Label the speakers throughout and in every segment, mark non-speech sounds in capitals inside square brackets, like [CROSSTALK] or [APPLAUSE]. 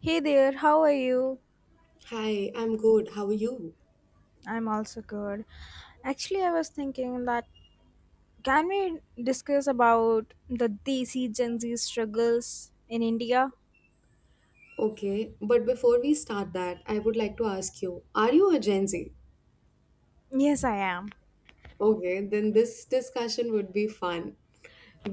Speaker 1: Hey there, how are you?
Speaker 2: Hi, I'm good. How are you?
Speaker 1: I'm also good. Actually, I was thinking that can we discuss about the Desi Gen Z struggles in India?
Speaker 2: Okay, but before we start that, I would like to ask you, are you a Gen Z?
Speaker 1: Yes, I am.
Speaker 2: Okay, then this discussion would be fun.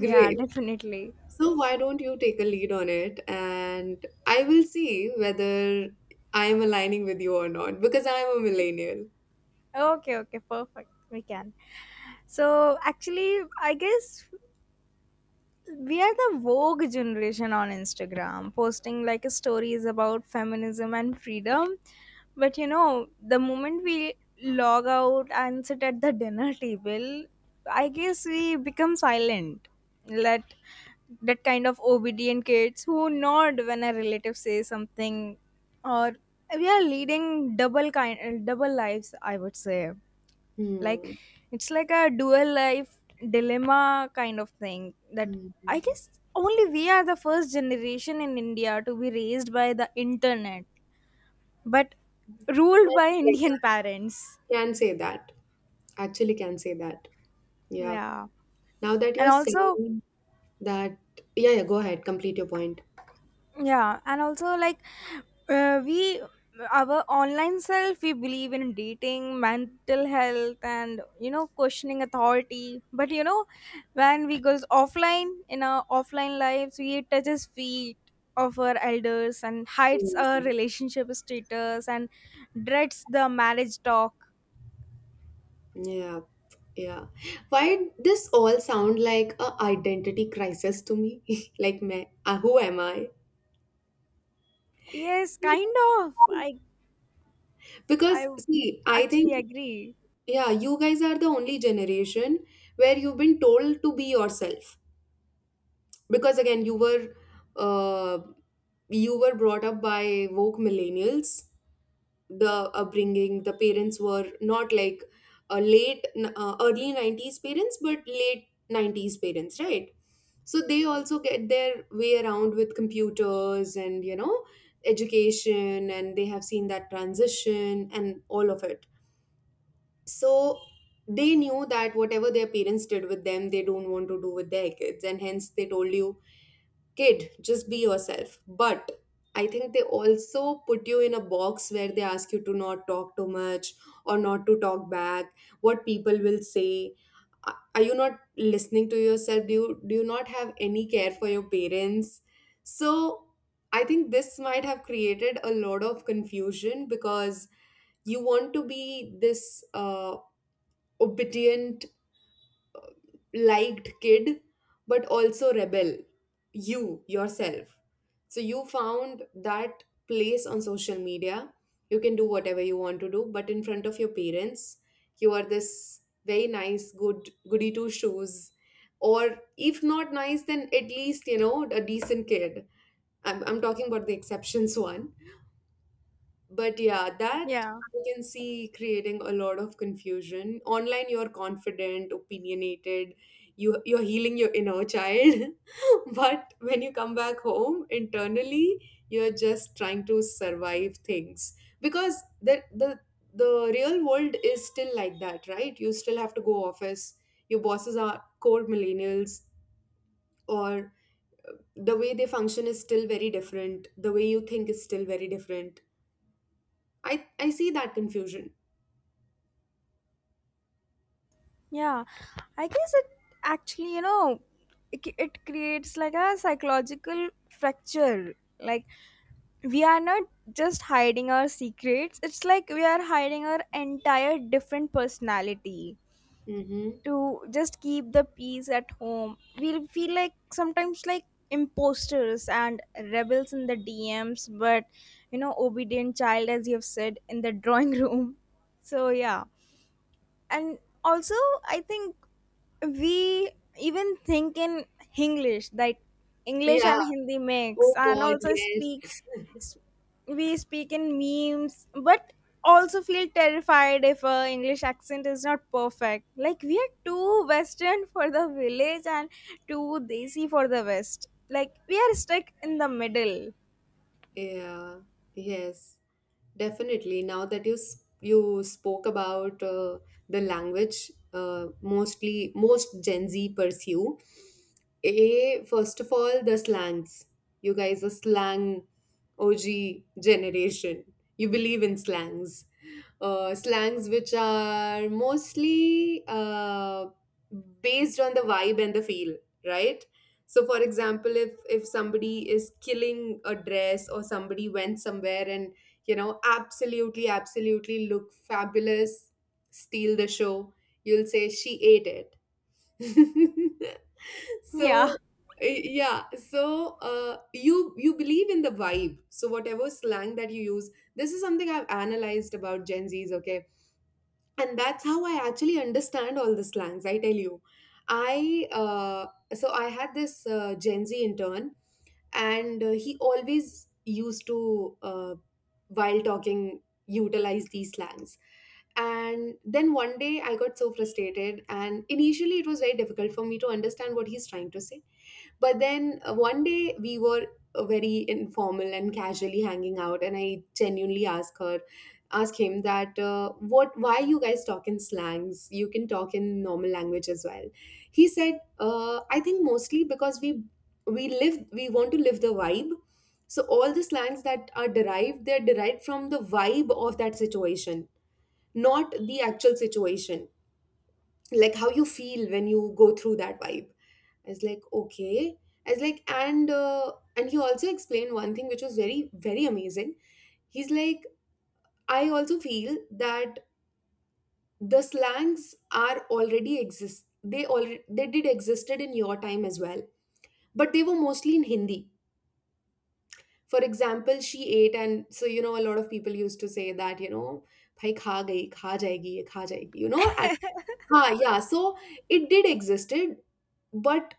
Speaker 1: Yeah, [LAUGHS] definitely.
Speaker 2: So why don't you take a lead on it and I will see whether I am aligning with you or not because I am a millennial.
Speaker 1: Okay, okay, perfect. We can. So, actually, I guess we are the vogue generation on Instagram, posting like stories about feminism and freedom. But you know, the moment we log out and sit at the dinner table, I guess we become silent. Let that kind of obedient kids who nod when a relative says something, or we are leading double lives. I would say like
Speaker 2: Hmm.
Speaker 1: it's like a dual life dilemma kind of thing that
Speaker 2: Hmm.
Speaker 1: I guess only we are the first generation in India to be raised by the internet but ruled
Speaker 2: Can
Speaker 1: by [LAUGHS]
Speaker 2: say
Speaker 1: Indian
Speaker 2: that.
Speaker 1: parents.
Speaker 2: Can say that. Actually can say that. Yeah.
Speaker 1: yeah
Speaker 2: Now that
Speaker 1: and
Speaker 2: you're
Speaker 1: also
Speaker 2: saying that, yeah, yeah, go ahead, complete your point.
Speaker 1: yeah and also like, we our online self, we believe in dating mental health and, questioning authority. But when we goes offline, in our offline lives, we touches feet of our elders and hides our
Speaker 2: Hmm.
Speaker 1: relationship status and dreads the marriage talk.
Speaker 2: Yeah, yeah. Why this all sound like a identity crisis to me? [LAUGHS] Like, me, who am I?
Speaker 1: Yes, kind of. I
Speaker 2: Because see, I
Speaker 1: actually
Speaker 2: think
Speaker 1: agree.
Speaker 2: yeah, you guys are the only generation where you've been told to be yourself. Because again, uh, you were brought up by woke millennials. The upbringing, the parents were not like early 90s parents, but late 90s parents, right? So they also get their way around with computers and, education, and they have seen that transition and all of it. So they knew that whatever their parents did with them, they don't want to do with their kids, and hence they told you, kid, just be yourself. But I think they also put you in a box where they ask you to not talk too much or not to talk back. What people will say? Are you not listening to yourself? Do you not have any care for your parents? So I think this might have created a lot of confusion because you want to be this uh, obedient, liked kid, but also rebel, you yourself. So you found that place on social media. You can do whatever you want to do, but in front of your parents, you are this very nice good goody two shoes, or if not nice, then at least, a decent kid. I'm talking about the exceptions one. But yeah, that
Speaker 1: Yeah.
Speaker 2: I can see creating a lot of confusion. Online, you're confident, opinionated, you're healing your inner child. [LAUGHS] But when you come back home, internally, you're just trying to survive things. Because the real world is still like that, right? You still have to go office. Your bosses are core millennials, or the way they function is still very different. The way you think is still very different. I see that confusion.
Speaker 1: Yeah, I guess it actually, you know, it creates like a psychological fracture. Like, we are not just hiding our secrets, it's like we are hiding our entire different personality
Speaker 2: Mm-hmm.
Speaker 1: to just keep the peace at home. We feel like sometimes like imposters and rebels in the DMs, but obedient child, as you have said, in the [LAUGHS] drawing room. So, yeah. And also, I think we even think in English, like English
Speaker 2: Yeah.
Speaker 1: and Hindi
Speaker 2: Oh
Speaker 1: mix, and
Speaker 2: God,
Speaker 1: also
Speaker 2: yes.
Speaker 1: s- we speak in memes, but also feel terrified if a English accent is not perfect. Like we are too western for the village and too desi for the west. Like we are stuck in the middle.
Speaker 2: Yeah. Yes. Definitely. Now that you you spoke about the language, mostly most Gen Z pursue. A first of all, the slangs. You guys are slang OG generation. You believe in slangs. Slangs which are mostly based on the vibe and the feel, right? So, for example, if somebody is killing a dress or somebody went somewhere and, absolutely, absolutely look fabulous, steal the show, you'll say she ate it. [LAUGHS]
Speaker 1: [LAUGHS] Yeah.
Speaker 2: So. Yeah, so you believe in the vibe. So whatever slang that you use, this is something I've analyzed about Gen Zs. Okay, and that's how I actually understand all the slangs, I tell you. I So I had this gen z intern, and he always used to uh, while talking utilize these slangs. And then one day I got so frustrated, and initially it was very difficult for me to understand what he's trying to say. But then one day we were very informal and casually hanging out, and I genuinely ask him that what, why you guys talk in slangs? You can talk in normal language as well. He said, I think mostly because we want to live the vibe. So all the slangs that are derived, they're derived from the vibe of that situation, not the actual situation. Like how you feel when you go through that vibe. I was like, okay. I was like, and and he also explained one thing which was very very amazing. He's like, I also feel that the slangs are already exist. They did existed in your time as well, but they were mostly in Hindi. For example, she ate, and so, a lot of people used to say that, भाई खा गई खा जाएगी ये खा जाएगी, and हाँ, yeah, so it did existed, but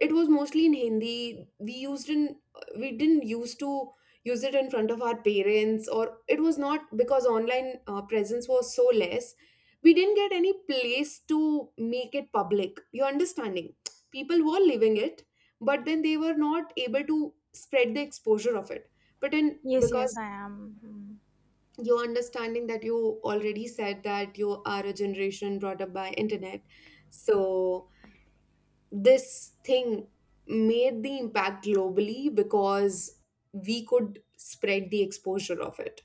Speaker 2: it was mostly in Hindi. We didn't used to use it in front of our parents, or it was not because online presence was so less. We didn't get any place to make it public. You're understanding? People were living it, but then they were not able to spread the exposure of it. But in
Speaker 1: Yes, yes,
Speaker 2: because
Speaker 1: I am.
Speaker 2: you're understanding that you already said that you are a generation brought up by internet, so this thing made the impact globally because we could spread the exposure of it.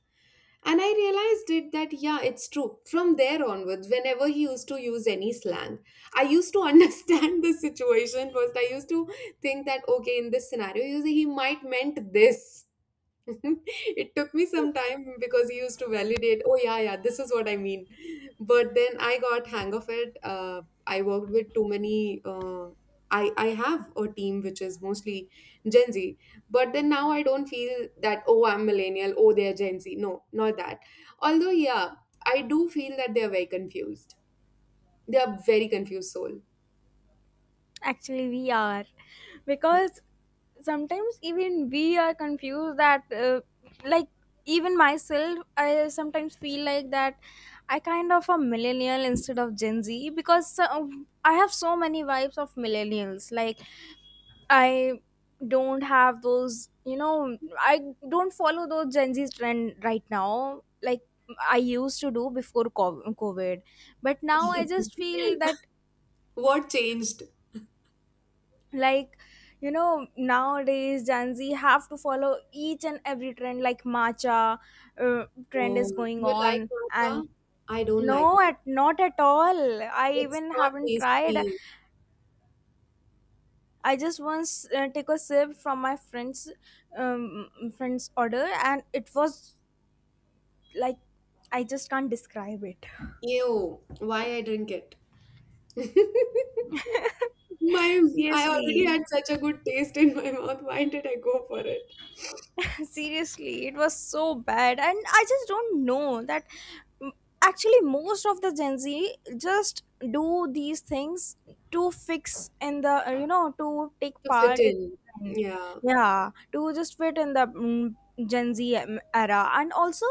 Speaker 2: And I realized it that, yeah, it's true. From there onwards, whenever he used to use any slang, I used to [LAUGHS] understand the situation first. I used to think that, okay, in this scenario, he might meant this. [LAUGHS] It took me some time because he used to validate, oh yeah, yeah, this is what I mean. But then I got hang of it. I worked with too many. Uh, I have a team which is mostly Gen Z, but then now I don't feel that, oh, I'm millennial, oh, they're Gen Z. No, not that. Although, yeah, I do feel that they are very confused. They are very confused soul.
Speaker 1: Actually, we are,
Speaker 2: Yeah.
Speaker 1: because sometimes even we are confused that, like even myself, I sometimes feel like that I kind of a millennial instead of Gen Z, because I have so many vibes of millennials. Like, I don't have those, I don't follow those Gen Z trend right now, like I used to do before COVID. But now I just feel that,
Speaker 2: What changed?
Speaker 1: like, nowadays Gen Z have to follow each and every trend, like matcha. uh, trend
Speaker 2: Oh,
Speaker 1: is going
Speaker 2: you like
Speaker 1: on, and
Speaker 2: matcha? I don't like
Speaker 1: no,
Speaker 2: matcha.
Speaker 1: at not at all, I
Speaker 2: It's
Speaker 1: even
Speaker 2: not
Speaker 1: haven't tried.
Speaker 2: tasty.
Speaker 1: I just once, take a sip from my um, friend's order, and it was like, I just can't describe it.
Speaker 2: Ew, why I drink it? [LAUGHS] My,
Speaker 1: [LAUGHS]
Speaker 2: I already
Speaker 1: Seriously.
Speaker 2: had such a good taste in my mouth. Why did I go for it?
Speaker 1: [LAUGHS] Seriously, it was so bad. And I just don't know that. mm, Actually, most of the Gen Z just do these things to fix in the, to take
Speaker 2: To fit
Speaker 1: part in
Speaker 2: in.
Speaker 1: the trend.
Speaker 2: Yeah.
Speaker 1: Yeah, to just fit in the Gen Z era. And also,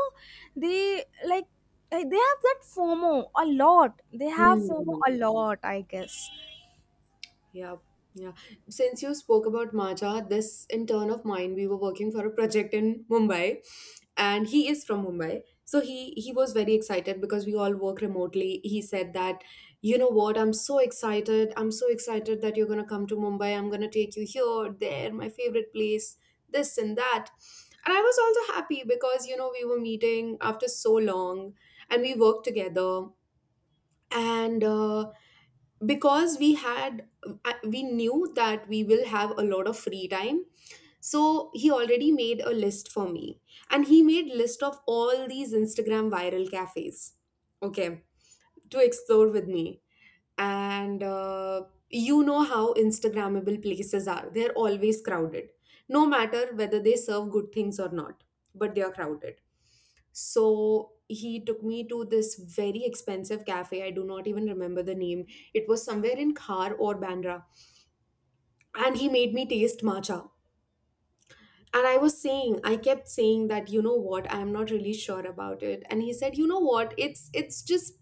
Speaker 1: they they have that FOMO a lot. They have fomo
Speaker 2: Hmm.
Speaker 1: a lot I guess.
Speaker 2: Yeah, yeah. Since you spoke about Maja, this intern of mine, we were working for a project in Mumbai, and he is from Mumbai. So he was very excited because we all work remotely. He said that, you know what, I'm so excited. I'm so excited that you're gonna come to Mumbai. I'm gonna take you here, there, my favorite place, this and that. And I was also happy because, you know, we were meeting after so long and we worked together. And because we knew that we will have a lot of free time, so he already made a list for me, and he made list of all these Instagram viral cafes, okay, to explore with me. And you know how instagrammable places are, they're always crowded, no matter whether they serve good things or not, but they are crowded. So he took me to this very expensive cafe, I do not even remember the name. It was somewhere in Khar or Bandra, and he made me taste matcha. And I was saying, I kept saying that, you know what, I'm not really sure about it. And he said, you know what, it's just,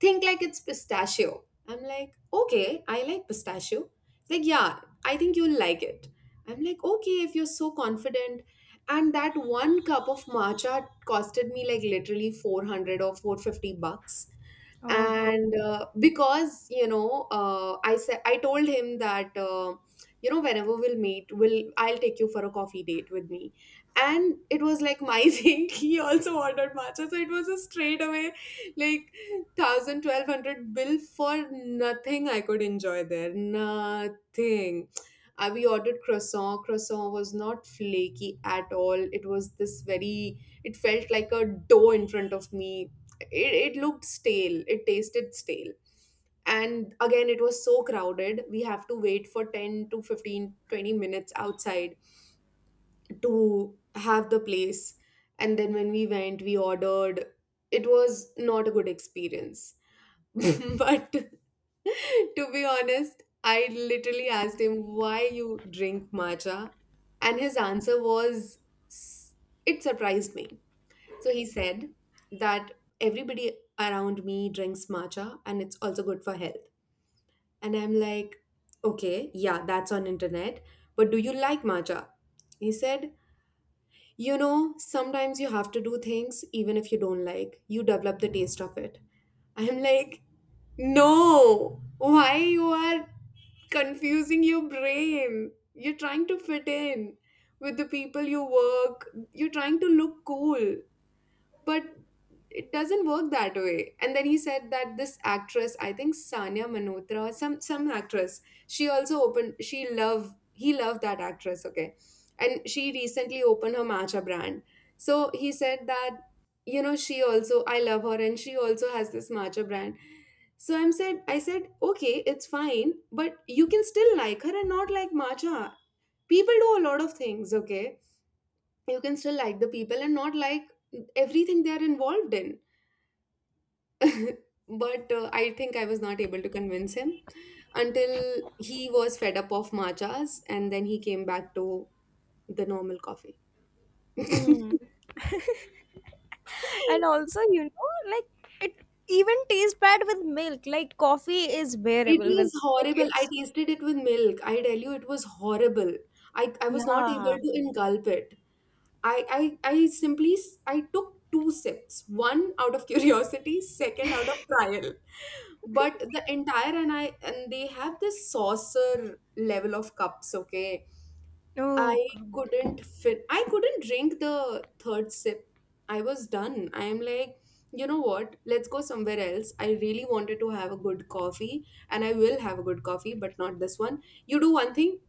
Speaker 2: think like it's pistachio. I'm like, okay, I like pistachio. He's like, yeah, I think you'll like it. I'm like, okay, if you're so confident. And that one cup of matcha costed me like literally 400 or 450 bucks.
Speaker 1: Oh God.
Speaker 2: And because, I told him that, whenever we'll meet, will I'll take you for a coffee date with me. And it was like my [LAUGHS] thing, he also ordered matcha, so it was a straight away like 1000 1200 bill for nothing I could enjoy there, nothing. We ordered croissant, croissant was not flaky at all, it was this very, it felt like a dough in front of me. It looked stale, it tasted stale. And again, it was so crowded, we have to wait for 10 to 15, 20 minutes outside to have the place. And then when we went, we ordered, it was not a good experience. [LAUGHS] But [LAUGHS] to be honest, I literally asked him, why you drink matcha? And his answer was s- it surprised me. So he said that everybody around me drinks matcha, and it's also good for health. And I'm like, okay, yeah, that's on internet, but do you like matcha? He said, you know, sometimes you have to do things even if you don't like. You develop the taste of it. I'm like, no, why you are confusing your brain? You're trying to fit in with the people you work. You're trying to look cool, but it doesn't work that way. And then he said that this actress, I think Sanya Manotra, some actress. She also opened, she love he loved that actress, okay, and she recently opened her matcha brand. So he said that, you know, she also, I love her and she also has this matcha brand. So I said okay, it's fine, but you can still like her and not like matcha. People do a lot of things, okay. You can still like the people and not like everything they are involved in. But I think I was not able to convince him until he was fed up of matchas and then he came back to the normal coffee. [LAUGHS]
Speaker 1: Hmm. And
Speaker 2: It
Speaker 1: also, you know, like, it even tastes bad with milk. Like coffee is bearable with,
Speaker 2: was
Speaker 1: like,
Speaker 2: horrible. I
Speaker 1: it's,
Speaker 2: tasted it with milk. I tell you, it was horrible. I was not able
Speaker 1: yeah.
Speaker 2: to engulf it. I simply, I took two sips, one out of curiosity, second out of trial. But the entire, and they have this saucer level of cups, okay?
Speaker 1: Oh
Speaker 2: I
Speaker 1: God.
Speaker 2: couldn't fit. I couldn't drink the third sip. I was done. I am like, you know what? Let's go somewhere else. I really wanted to have a good coffee, and I will have a good coffee, but not this one. You do one thing,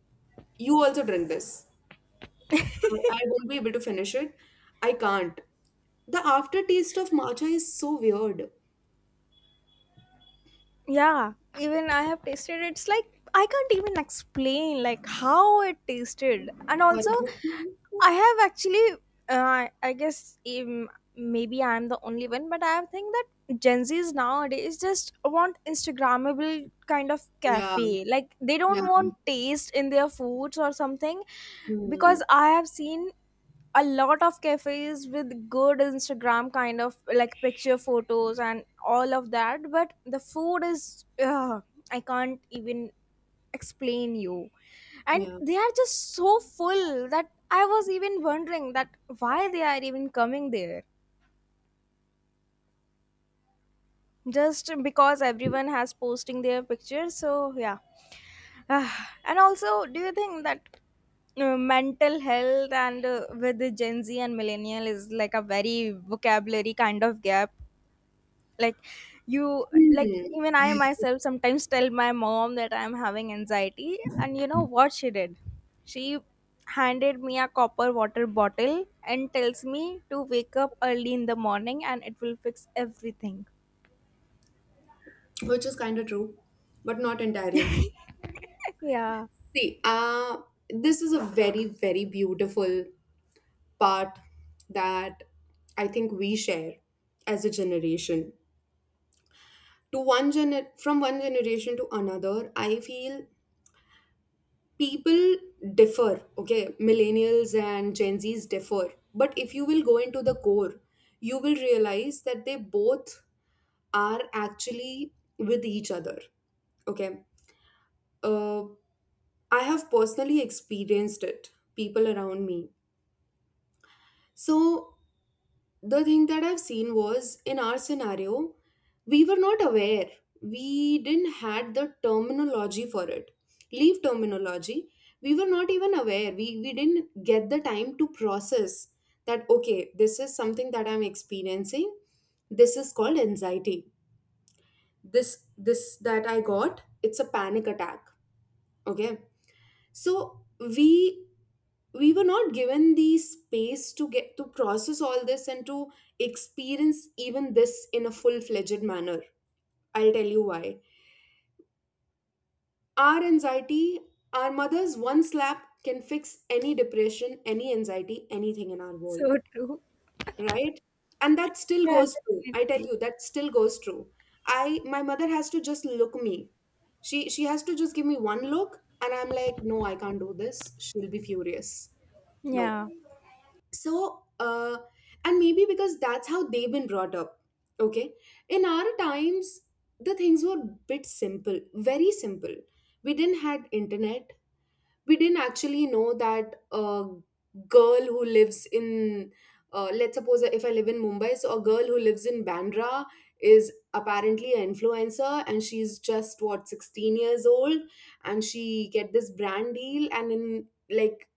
Speaker 2: you also drink this. I won't be able to finish it. I can't. The aftertaste of matcha is so weird.
Speaker 1: Yeah, even I have tasted, it's like I can't even explain like how it tasted. And also,
Speaker 2: Horrible.
Speaker 1: I
Speaker 2: [LAUGHS]
Speaker 1: have actually, I guess, maybe I'm the only one, but I think that Gen Z's nowadays just want instagrammable kind of
Speaker 2: Yeah,
Speaker 1: cafe. Like they don't
Speaker 2: yeah,
Speaker 1: want taste in their foods or something,
Speaker 2: hmm,
Speaker 1: because I have seen a lot of cafes with good Instagram kind of like picture photos and all of that, but the food is, ugh, I can't even explain you. And
Speaker 2: yeah.
Speaker 1: they are just so full that I was even wondering that why they are even coming there, just because everyone has posting their pictures. So yeah. Ah, and also, do you think that mental health and, with the Gen Z and millennial is like a very vocabulary kind of gap? Like, you like
Speaker 2: Hmm.
Speaker 1: even I myself sometimes tell my mom that I'm having anxiety, and you know what she did? She handed me a copper water bottle and tells me to wake up early in the morning, and it will fix everything.
Speaker 2: Which is kind of true, but not entirely.
Speaker 1: [LAUGHS] Yeah.
Speaker 2: See, this is a very, very beautiful part that I think we share as a generation. To from one generation to another, I feel people differ. Okay, millennials and Gen Zs differ, but if you will go into the core, you will realize that they both are actually with each other. Okay, uh, I have personally experienced it. People around me. So the thing that I've seen was, in our scenario, we were not aware. We didn't had the terminology for it. Leave terminology. We were not even aware. We didn't get the time to process that, okay, this is something that I'm experiencing. This is called anxiety. This that I got, it's a panic attack. Okay. So we were not given the space to get to process all this and to experience even this in a full-fledged manner. I'll tell you why. Our anxiety, our mother's one slap can fix any depression, any anxiety, anything in our world,
Speaker 1: So true.
Speaker 2: right? And that still
Speaker 1: Yeah,
Speaker 2: goes true. I tell
Speaker 1: definitely.
Speaker 2: you, that still goes true. I, my mother has to just look me. She has to just give me one look and I'm like, no, I can't do this, she'll be furious. No.
Speaker 1: Yeah.
Speaker 2: So and maybe because that's how they've been brought up, okay, in our times, the things were bit simple, very simple. We didn't had internet. We didn't actually know that a girl who lives in, let's suppose if I live in Mumbai, so a girl who lives in Bandra is apparently an influencer, and she's just, what, 16 years old, and she get this brand deal, and in like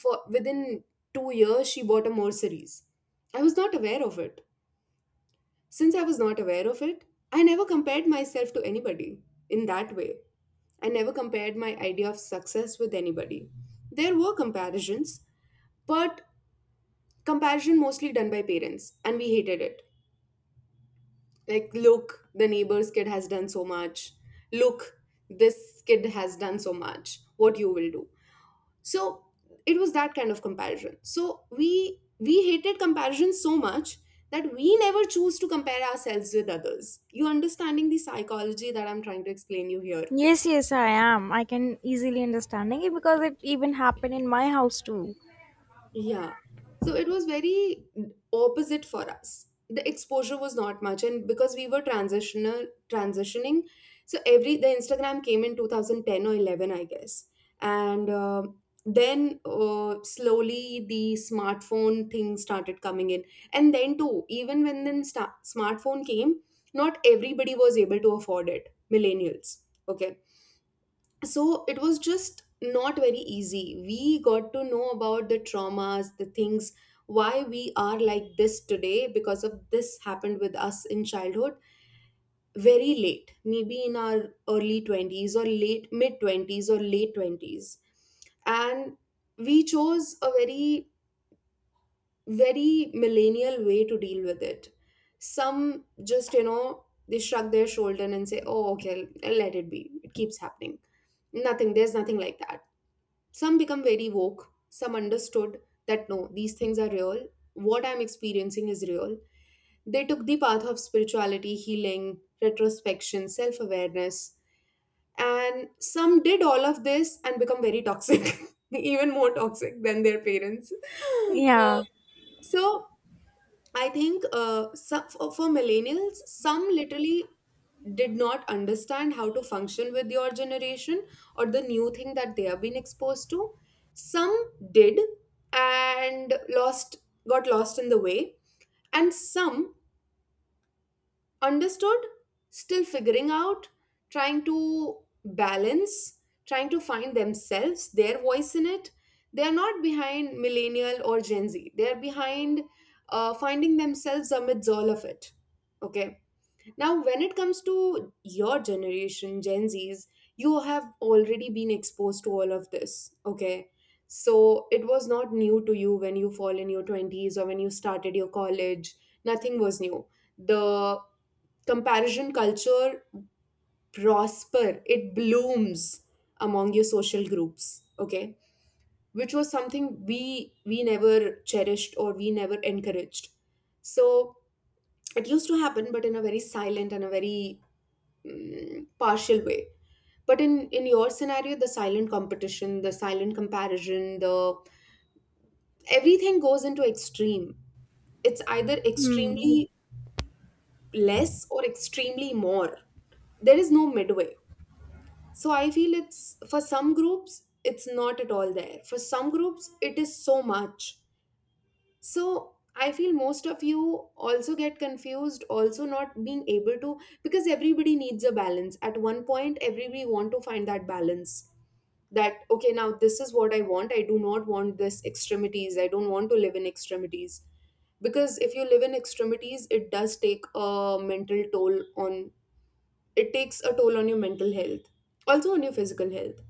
Speaker 2: for within 2 years she bought a Mercedes. I was not aware of it. Since I was not aware of it, I never compared myself to anybody in that way. I never compared my idea of success with anybody. There were comparisons, but comparison mostly done by parents, and we hated it. Like, look, the neighbor's kid has done so much. Look, this kid has done so much. What you will do. So it was that kind of comparison. So we hated comparison so much that we never choose to compare ourselves with others. You understanding the psychology that I'm trying to explain you here?
Speaker 1: Yes, yes, I am. I can easily understanding it, because it even happened in my house too.
Speaker 2: Yeah. So it was very opposite for us. The exposure was not much, and because we were transitional transitioning, so every the Instagram came in 2010 or 11, I guess, and then slowly the smartphone thing started coming in, and then too, even when smartphone came, not everybody was able to afford it. Millennials, okay. So it was just not very easy. We got to know about the traumas, the things why we are like this today because of this happened with us in childhood, very late, maybe in our early 20s or late mid 20s or late 20s. And we chose a very very millennial way to deal with it. Some just, you know, they shrug their shoulder and say, oh, okay, let it be, it keeps happening. Nothing, there's nothing like that. Some become very woke, some understood that no, these things are real, what I'm experiencing is real. They took the path of spirituality, healing, retrospection, self awareness, and some did all of this and become very toxic, [LAUGHS] even more toxic than their parents. Uh,
Speaker 1: Yeah.
Speaker 2: so I think for millennials, some literally did not understand how to function with your generation or the new thing that they have been exposed to. Some did and lost, got lost in the way. And some understood, still figuring out, trying to balance, trying to find themselves, their voice in it. They are not behind millennial or Gen Z, they are behind finding themselves amidst all of it. Okay. Now, when it comes to your generation, Gen Zs, you have already been exposed to all of this, okay? So it was not new to you when you fall in your 20s or when you started your college. Nothing was new. The comparison culture, prosper, it blooms among your social groups, okay? Which was something we never cherished or we never encouraged. So it used to happen, but in a very silent and a very partial way. But in your scenario, the silent competition, the silent comparison, the everything goes into extreme. It's either
Speaker 1: Hmm.
Speaker 2: extremely less or extremely more. There is no midway. So I feel it's, for some groups it's not at all there, for some groups it is so much. So I feel most of you also get confused, also not being able to, because everybody needs a balance at one point. Everybody want to find that balance that, okay, now this is what I want. I do not want this extremities. I don't want to live in extremities. Because if you live in extremities, it does take a mental toll on, it takes a toll on your mental health, also on your physical health.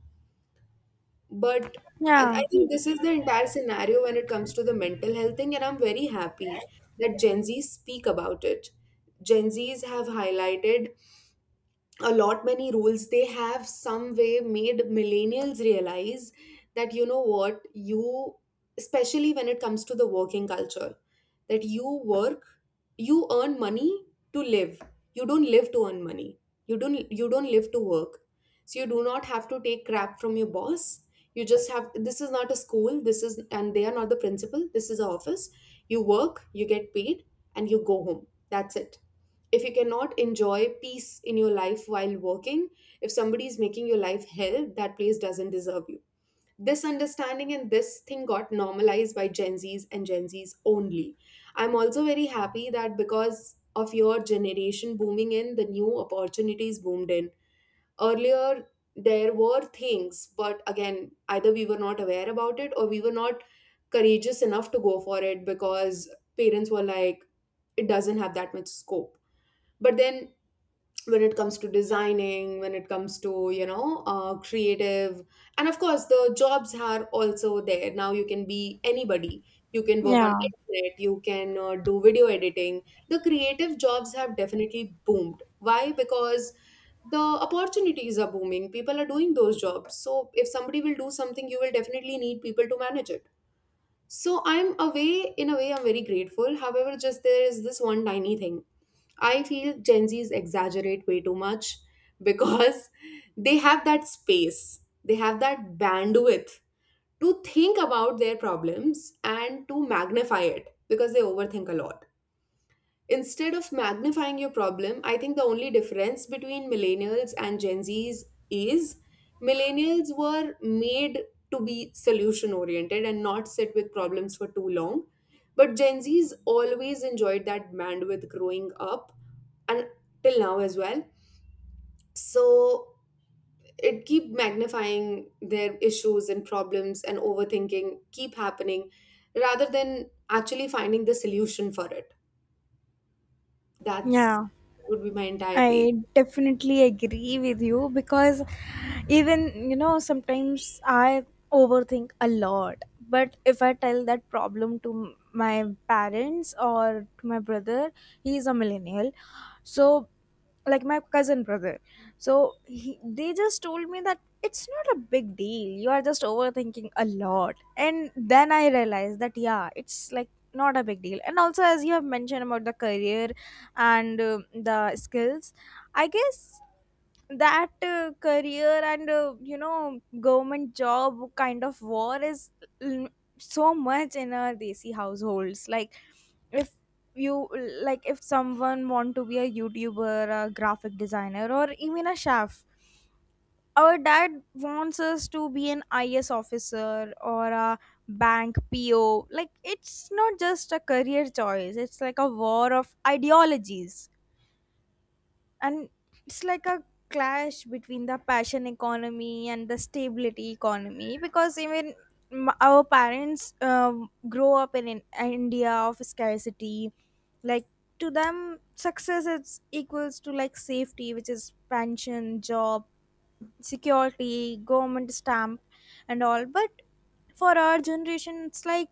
Speaker 2: But I
Speaker 1: Yeah.
Speaker 2: think this is the entire scenario when it comes to the mental health thing. And I'm very happy that Gen Z's speak about it. Gen Z's have highlighted a lot many rules. They have some way made millennials realize that, you know what, you, especially when it comes to the working culture, that you work, you earn money to live, you don't live to earn money. You don't live to work. So you do not have to take crap from your boss. You just have, this is not a school, this is, and they are not the principal, this is an office. You work, you get paid, and you go home, that's it. If you cannot enjoy peace in your life while working, if somebody is making your life hell, that place doesn't deserve you. This understanding and this thing got normalized by Gen Zs and Gen Zs only. I'm also very happy that because of your generation booming in, the new opportunities boomed in. Earlier, there were things, but again, either we were not aware about it or we were not courageous enough to go for it, because parents were like, it doesn't have that much scope. But then when it comes to designing, when it comes to, you know, creative, and of course the jobs are also there, now you can be anybody. You can work on
Speaker 1: Yeah.
Speaker 2: internet, you can do video editing. The creative jobs have definitely boomed. Why? Because the opportunities are booming, people are doing those jobs. So if somebody will do something, you will definitely need people to manage it. So in a way, I'm very grateful. However, just there is this one tiny thing. I feel Gen Zs exaggerate way too much because [LAUGHS] they have that space, they have that bandwidth to think about their problems and to magnify it because they overthink a lot. Instead of magnifying your problem, I think the only difference between millennials and Gen Zs is millennials were made to be solution oriented and not sit with problems for too long. But Gen Zs always enjoyed that bandwidth growing up and till now as well. So it keep magnifying their issues and problems and overthinking keep happening rather than actually finding the solution for it. That's
Speaker 1: Yeah.
Speaker 2: would be my entire take.
Speaker 1: I definitely agree with you, because even, you know, sometimes I overthink a lot. But if I tell that problem to my parents or to my brother, he is a millennial, so, like, my cousin brother, so they just told me that it's not a big deal. You are just overthinking a lot, and then I realized that, yeah, it's like not a big deal. And also, as you have mentioned about the career and, the skills, I guess that, career and, government job kind of war is l- so much in our desi households. Like, if you like if someone want to be a YouTuber, a graphic designer, or even a chef, our dad wants us to be an IS officer or a bank PO. Like, it's not just a career choice, it's like a war of ideologies. And it's like a clash between the passion economy and the stability economy, because even our parents, grow up in India of scarcity. Like, to them success is equals to like safety, which is pension job security, government stamp, and all. But for our generation, it's like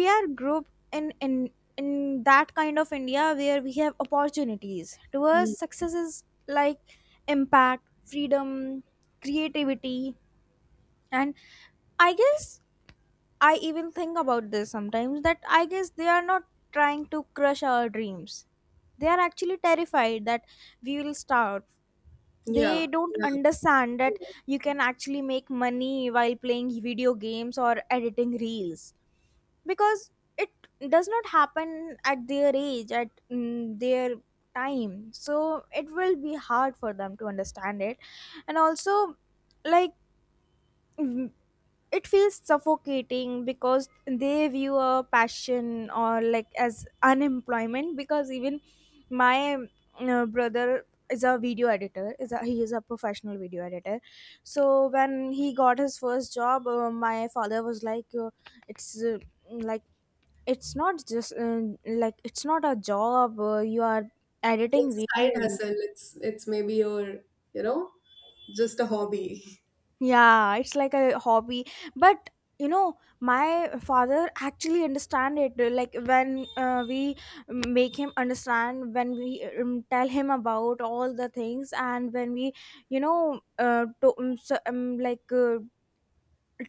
Speaker 1: we are group in that kind of India where we have opportunities. To
Speaker 2: Mm.
Speaker 1: us, success is like impact, freedom, creativity. And I guess I even think about this sometimes, that I guess they are not trying to crush our dreams, they are actually terrified that we will starve. They
Speaker 2: Yeah,
Speaker 1: don't
Speaker 2: yeah.
Speaker 1: understand that you can actually make money while playing video games or editing reels, because it does not happen at their age, at their time. So it will be hard for them to understand it. And also, like, mm, it feels suffocating, because they view a passion or like as unemployment. Because even my, brother is a video editor, he is a professional video editor. So when he got his first job, my father was like, it's like it's not just like it's not a job, you are editing
Speaker 2: It's a side
Speaker 1: videos.
Speaker 2: hustle. It's maybe your, you know, just a hobby.
Speaker 1: Yeah, it's like a hobby. But you know, my father actually understand it, like when, we make him understand, when we, tell him about all the things. And when we, you know to, so, like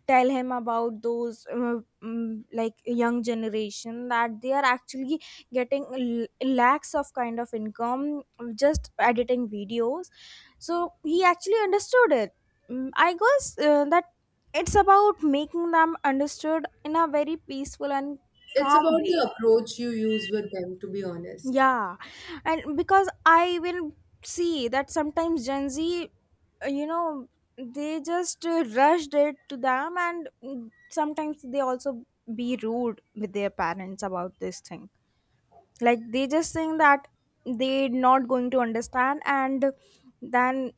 Speaker 1: tell him about those, like, young generation that they are actually getting lakhs of kind of income just editing videos, so he actually understood it. I guess, that it's about making them understood in a very peaceful and
Speaker 2: It's
Speaker 1: calm
Speaker 2: about
Speaker 1: way.
Speaker 2: the approach you use with them, to be honest.
Speaker 1: Yeah, and because I will see that sometimes Gen Z, you know, they just, rushed it to them, and, sometimes they also be rude with their parents about this thing. Like, they just think that they're not going to understand, and then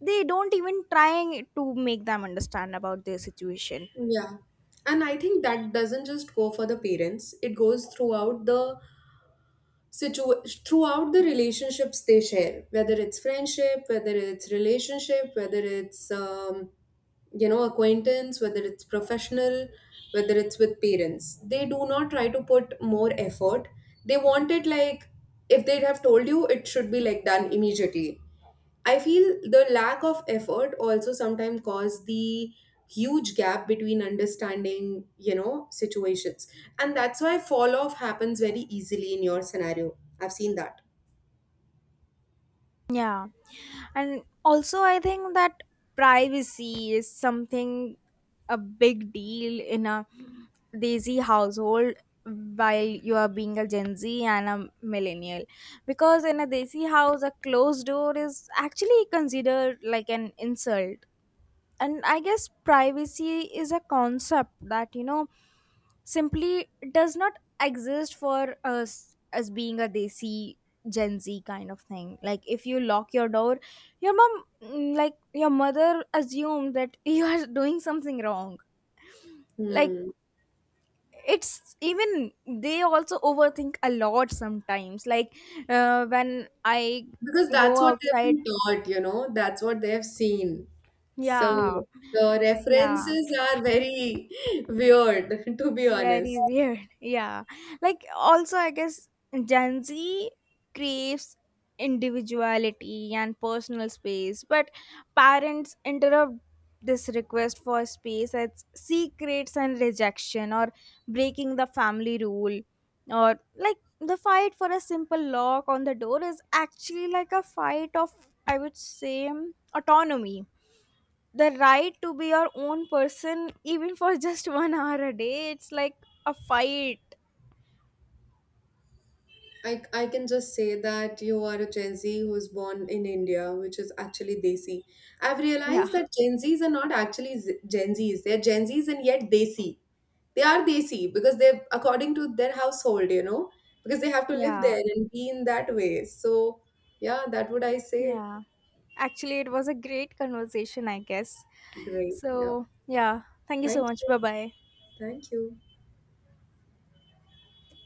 Speaker 1: they don't even trying to make them understand about their situation.
Speaker 2: Yeah. And I think that doesn't just go for the parents. It goes throughout the situa- throughout the relationships they share, whether it's friendship, whether it's relationship, whether it's you know, acquaintance, whether it's professional, whether it's with parents. They do not try to put more effort. They want it like, if they have told you, it should be like done immediately. I feel the lack of effort also sometimes cause the huge gap between understanding, you know, situations. And that's why fall off happens very easily in your scenario. I've seen that.
Speaker 1: Yeah. And also, I think that privacy is something a big deal in a Desi household while you are being a Gen Z and a millennial. Because in a Desi house, a closed door is actually considered like an insult. And I guess privacy is a concept that, you know, simply does not exist for us as being a desi Gen Z kind of thing. Like if you lock your door, your mom mm, like your mother assumed that [LAUGHS] you are doing something wrong. Like,
Speaker 2: Hmm.
Speaker 1: it's, even they also overthink a lot sometimes, like, when I
Speaker 2: Because that's
Speaker 1: go
Speaker 2: what they've
Speaker 1: outside.
Speaker 2: been taught, you know, that's what they've seen.
Speaker 1: Yeah.
Speaker 2: So the
Speaker 1: Yeah.
Speaker 2: references are very [LAUGHS] weird, to be honest.
Speaker 1: Very weird. [LAUGHS] Yeah. Like, also I guess Gen Z craves individuality and personal space, but parents interrupt this request for space as secrets and rejection, or breaking the family rule. Or like the fight for a simple lock on the door is actually like a fight of, I would say, autonomy, the right to be your own person, even for just [LAUGHS] one hour a day. It's like a fight.
Speaker 2: I can just say that you are a Gen Z who is born in India, which is actually Desi. I've
Speaker 1: Yeah.
Speaker 2: realized that Gen Zs are not actually Gen Zs. They're Gen Zs and yet Desi. They are Desi because they're according to their household, you know, because they have to live
Speaker 1: Yeah.
Speaker 2: there and be in that way. So, yeah, that would I say.
Speaker 1: Yeah, actually it was a great conversation, I guess.
Speaker 2: Great. Yeah.
Speaker 1: So yeah, thank you so
Speaker 2: Thank
Speaker 1: much.
Speaker 2: you.
Speaker 1: Bye bye.
Speaker 2: Thank you.